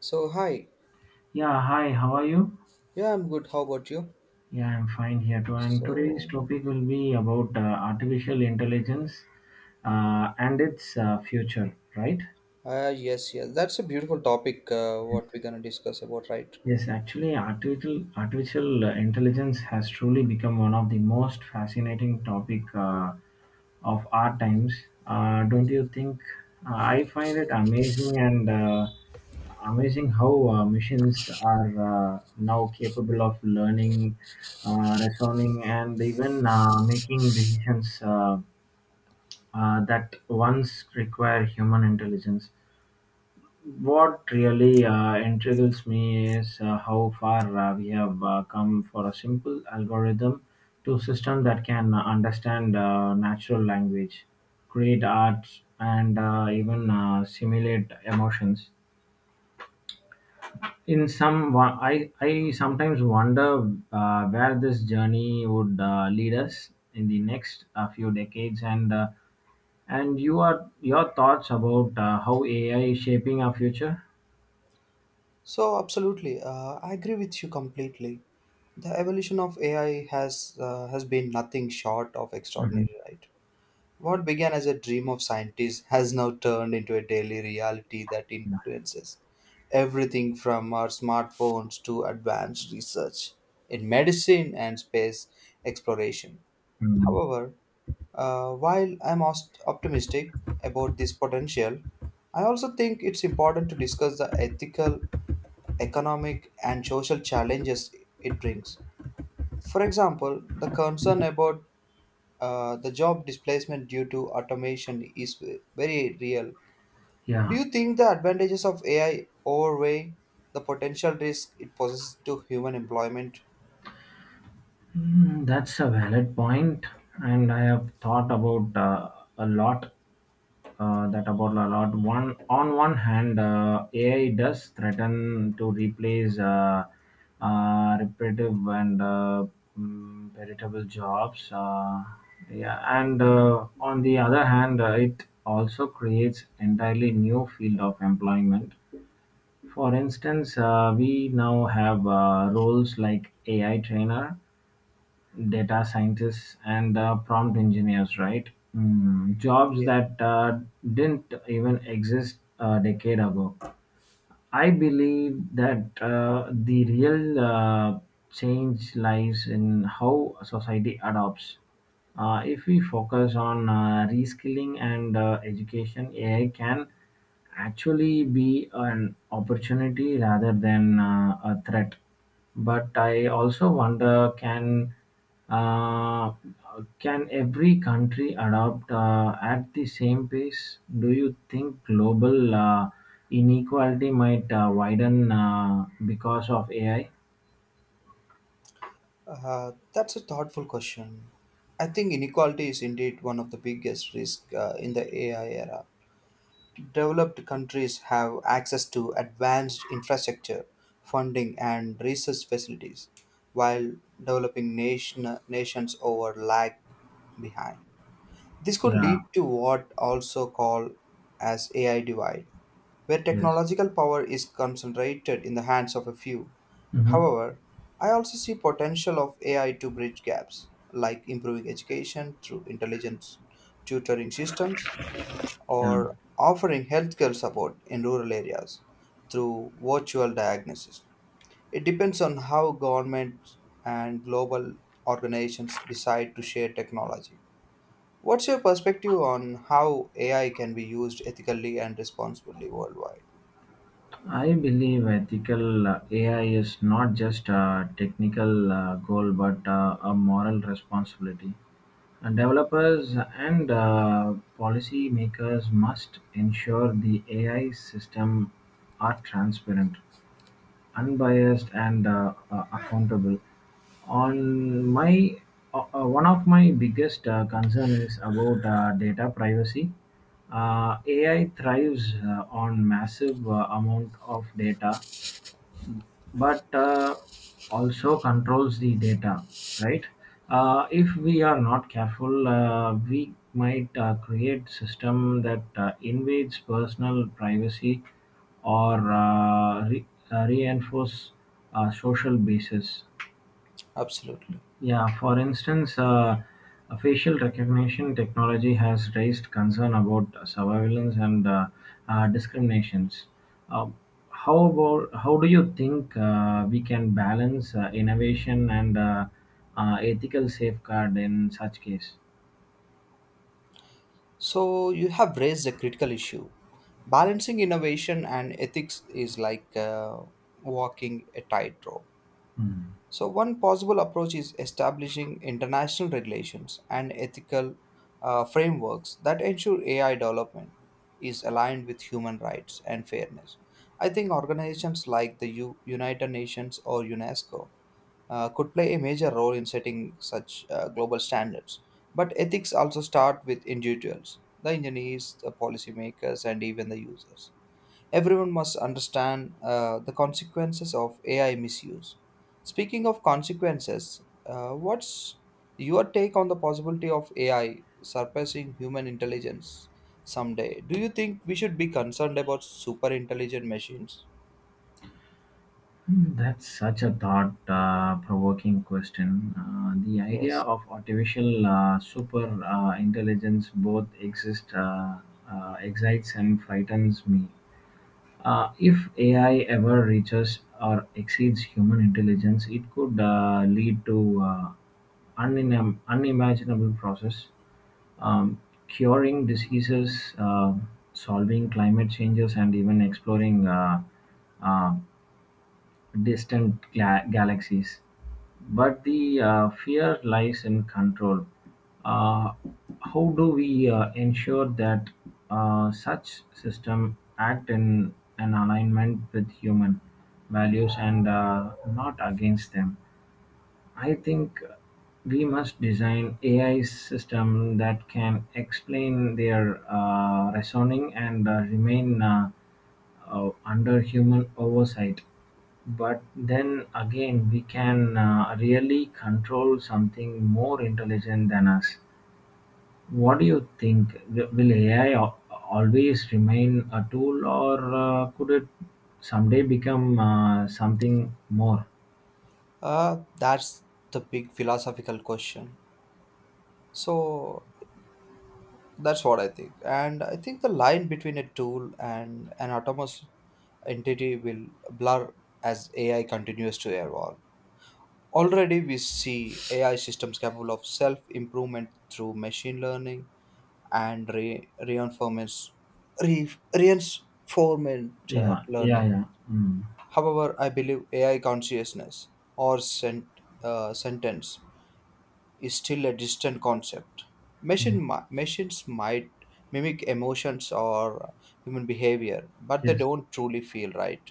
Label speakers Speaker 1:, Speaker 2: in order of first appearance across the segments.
Speaker 1: So, hi.
Speaker 2: Yeah, hi, how are you?
Speaker 1: Yeah, I'm good. How about you?
Speaker 2: Yeah, I'm fine here too. And today's
Speaker 1: So,
Speaker 2: topic will be about artificial intelligence and its future, right?
Speaker 1: yes. That's a beautiful topic, what we're going to discuss about, right?
Speaker 2: Yes, actually, artificial intelligence has truly become one of the most fascinating topic of our times. Don't you think? I find it amazing and amazing how machines are now capable of learning, reasoning, and even making decisions that once require human intelligence. What really intrigues me is how far we have come for a simple algorithm to system that can understand natural language, create art, and even simulate emotions. I sometimes wonder where this journey would lead us in the next few decades, and your thoughts about how AI is shaping our future.
Speaker 1: So, absolutely, I agree with you completely. The evolution of AI has been nothing short of
Speaker 2: Mhm.
Speaker 1: extraordinary, right? What began as a dream of scientists has now turned into a daily reality that
Speaker 2: Yeah.
Speaker 1: influences everything from our smartphones to advanced research in medicine and space exploration.
Speaker 2: Mm.
Speaker 1: However, while I'm optimistic about this potential, I also think it's important to discuss the ethical, economic, and social challenges it brings. For example, the concern about the job displacement due to automation is very real. Do
Speaker 2: Yeah,
Speaker 1: you think the advantages of AI overweigh the potential risk it poses to human employment?
Speaker 2: mm, that's a valid point, and I have thought about a lot. One on one hand, AI does threaten to replace repetitive and veritable jobs. Yeah, and on the other hand, it also creates entirely new field of employment. For instance, we now have roles like AI trainer data scientists and prompt engineers, right? Mm, jobs
Speaker 1: Yeah.
Speaker 2: that didn't even exist a decade ago. I believe that the real change lies in how society adopts. If we focus on reskilling and education, AI can actually be an opportunity rather than a threat. But I also wonder, uh, can every country adopt at the same pace? Do you think global inequality might widen because of AI?
Speaker 1: That's a thoughtful question. I think inequality is indeed one of the biggest risks in the AI era. Developed countries have access to advanced infrastructure, funding, and research facilities, while nations over lag behind. This could
Speaker 2: Yeah.
Speaker 1: lead to what also called as AI divide, where
Speaker 2: Yes.
Speaker 1: technological power is concentrated in the hands of a few.
Speaker 2: Hmm.
Speaker 1: However, I also see potential of AI to bridge gaps, like improving education through intelligent tutoring systems
Speaker 2: Yeah,
Speaker 1: or offering healthcare support in rural areas through virtual diagnosis. It depends on how governments and global organizations decide to share technology. What's your perspective on how AI can be used ethically and responsibly worldwide?
Speaker 2: I believe ethical AI is not just a technical goal but a moral responsibility. And developers and policymakers must ensure the AI systems are transparent, unbiased and accountable. On my One of my biggest concern is about data privacy. AI thrives on massive amount of data but also controls the data, right? If we are not careful, we might create system that invades personal privacy or reinforce social bases.
Speaker 1: Absolutely.
Speaker 2: Yeah, for instance, facial recognition technology has raised concern about surveillance and discriminations. Uh, how do you think we can balance innovation and ethical safeguard in such case?
Speaker 1: So you have raised a critical issue. Balancing innovation and ethics is like walking a tightrope. So one possible approach is establishing international regulations and ethical frameworks that ensure AI development is aligned with human rights and fairness. I think organizations like the United Nations or UNESCO could play a major role in setting such global standards. But ethics also start with individuals, the engineers, the policymakers, and even the users. Everyone must understand the consequences of AI misuse. Speaking of consequences, what's your take on the possibility of AI surpassing human intelligence someday? Do you think we should be concerned about super intelligent machines?
Speaker 2: Hmm, that's such a thought-provoking question. The idea
Speaker 1: Yes.
Speaker 2: of artificial super intelligence both exists, excites and frightens me. If AI ever reaches or exceeds human intelligence, it could lead to unimaginable process, um, curing diseases, solving climate changes, and even exploring uh, galaxies. But the fear lies in control. Uh, how do we ensure that such system act in an alignment with human values and not against them? I think we must design AI system that can explain their reasoning and remain under human oversight. But then again we can really control something more intelligent than us. What do you think? Will AI always remain a tool, or could it someday become something more?
Speaker 1: That's the big philosophical question. So that's what I think. And I think the line between a tool and an autonomous entity will blur as AI continues to evolve. Already, we see AI systems capable of self improvement through machine learning and re- reinforcement
Speaker 2: Yeah, yeah,
Speaker 1: learning.
Speaker 2: yeah. Mm.
Speaker 1: However, I believe AI consciousness or sentence is still a distant concept.
Speaker 2: Mm.
Speaker 1: Machines might mimic emotions or human behavior, but they
Speaker 2: Yes,
Speaker 1: don't truly feel right.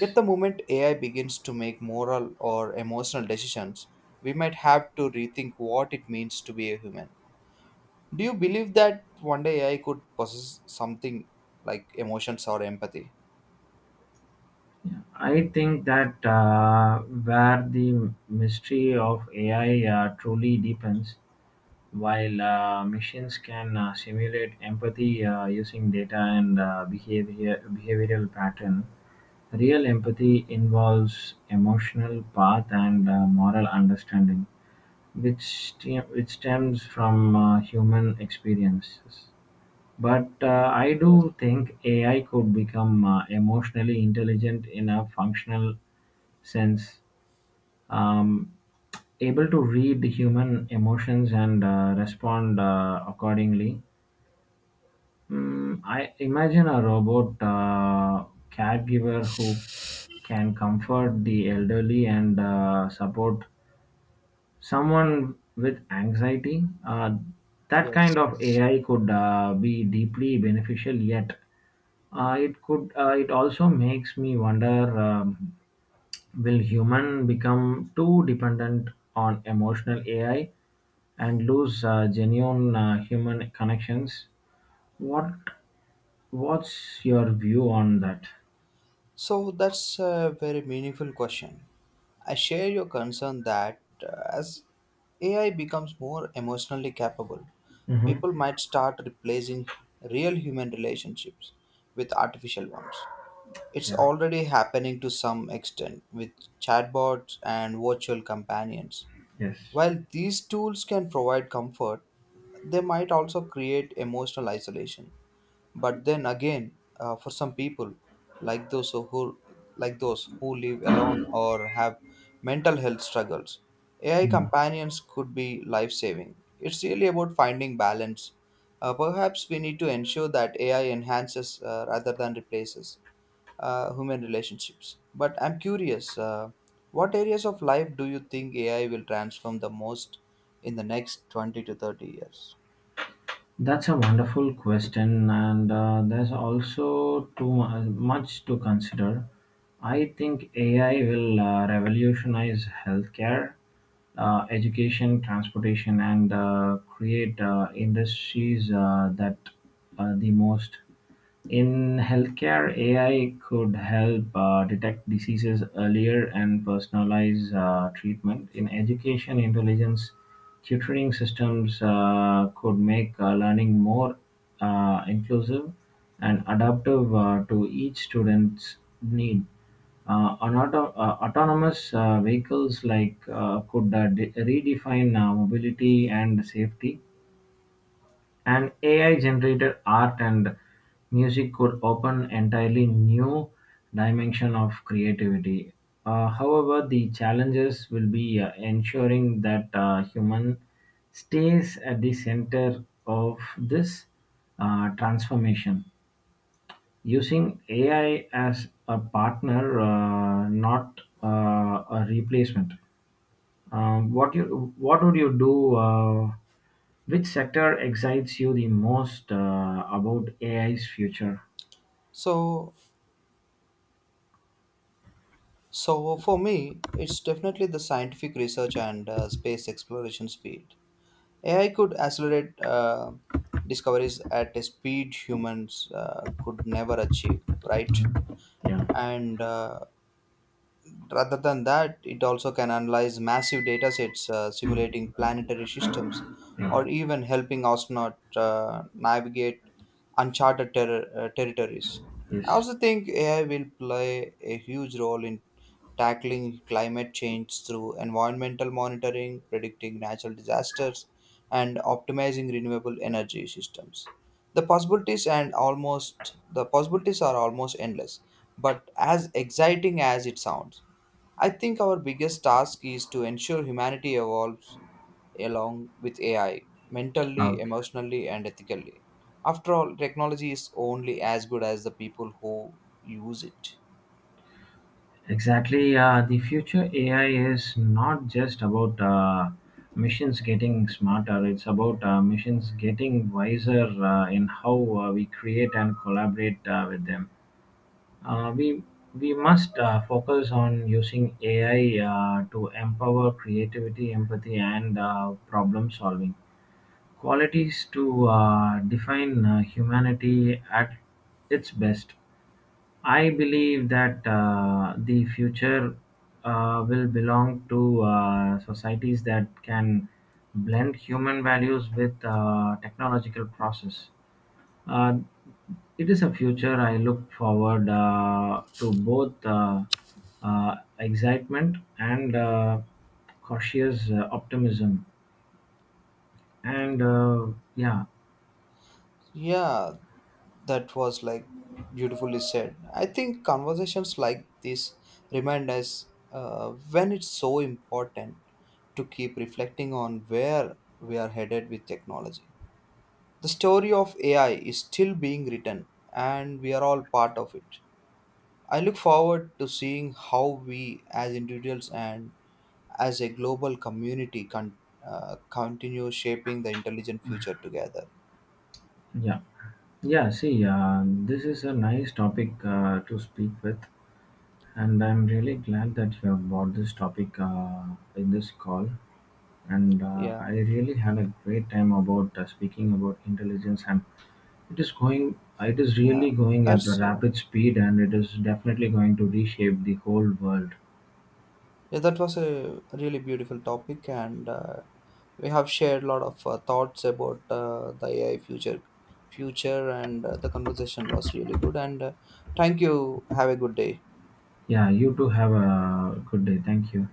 Speaker 1: Yet, the moment AI begins to make moral or emotional decisions, we might have to rethink what it means to be a human. Do you believe that one day AI could possess something like emotions or empathy?
Speaker 2: Yeah. I think that where the mystery of AI truly deepens. While machines can simulate empathy using data and behavioral pattern, real empathy involves emotional path and moral understanding, which stems from human experiences. But I
Speaker 1: Yes,
Speaker 2: do think AI could become emotionally intelligent in a functional sense, um, able to read the human emotions and respond accordingly. Mm, I imagine a robot caregiver who can comfort the elderly and support someone with anxiety. That
Speaker 1: yes,
Speaker 2: kind of
Speaker 1: yes.
Speaker 2: AI could be deeply beneficial, yet it could. It also makes me wonder: will human become too dependent on emotional AI and lose genuine human connections? What What's your view on that?
Speaker 1: So that's a very meaningful question. I share your concern that as AI becomes more emotionally capable,
Speaker 2: Hmm.
Speaker 1: people might start replacing real human relationships with artificial ones. It's
Speaker 2: Yeah.
Speaker 1: already happening to some extent with chatbots and virtual companions.
Speaker 2: Yes.
Speaker 1: While these tools can provide comfort, they might also create emotional isolation, but then again, for some people, like those who like those who live alone or have mental health struggles, AI
Speaker 2: Mm.
Speaker 1: companions could be life-saving. It's really about finding balance. Perhaps we need to ensure that AI enhances rather than replaces human relationships. But I'm curious, what areas of life do you think AI will transform the most in the next 20 to 30 years?
Speaker 2: That's a wonderful question, and there's also much to consider. I think AI will revolutionize healthcare, education, transportation, and create industries that the most. In healthcare, AI could help detect diseases earlier and personalize treatment. In education, intelligence tutoring systems could make learning more inclusive and adaptive to each student's need. Autonomous vehicles like could redefine mobility and safety, and AI-generated art and music could open entirely new dimension of creativity. However, the challenges will be ensuring that human stays at the center of this transformation. Using AI as a partner, not a replacement. What would you do? Which sector excites you the most about AI's future?
Speaker 1: So, So, for me, it's definitely the scientific research and space explorations field. AI could accelerate discoveries at a speed humans could never achieve, right?
Speaker 2: Yeah,
Speaker 1: And rather than that, it also can analyze massive data sets simulating planetary systems
Speaker 2: yeah,
Speaker 1: or even helping astronauts navigate uncharted territories. I
Speaker 2: yes.
Speaker 1: also think AI will play a huge role in tackling climate change through environmental monitoring, predicting natural disasters, and optimizing renewable energy systems. The possibilities are almost endless, but as exciting as it sounds, I think our biggest task is to ensure humanity evolves along with AI, mentally,
Speaker 2: Okay.
Speaker 1: emotionally, and ethically. After all, technology is only as good as the people who use it.
Speaker 2: Exactly. The future AI is not just about machines getting smarter, it's about machines getting wiser in how we create and collaborate with them. Uh, we we must focus on using AI to empower creativity, empathy, and problem solving. Qualities to define humanity at its best. I believe that the future will belong to societies that can blend human values with technological process. Uh, it is a future I look forward to both excitement and cautious optimism. And uh, yeah,
Speaker 1: Yeah, that was like beautifully said. I think conversations like this remind us when it's so important to keep reflecting on where we are headed with technology. The story of AI is still being written, and we are all part of it. I look forward to seeing how we, as individuals and as a global community, continue shaping the intelligent future together.
Speaker 2: yeah. Yeah, see, this is a nice topic to speak with, and I'm really glad that you have brought this topic in this call. And
Speaker 1: yeah
Speaker 2: I really had a great time about speaking about intelligence, and it is
Speaker 1: yeah
Speaker 2: really going at a
Speaker 1: that's uh,
Speaker 2: rapid speed, and it is definitely going to reshape the whole world.
Speaker 1: Yeah, that was a really beautiful topic, and we have shared a lot of thoughts about the AI future, and the conversation was really good. And thank you. Have a good day.
Speaker 2: Yeah, you too, have a good day. Thank you.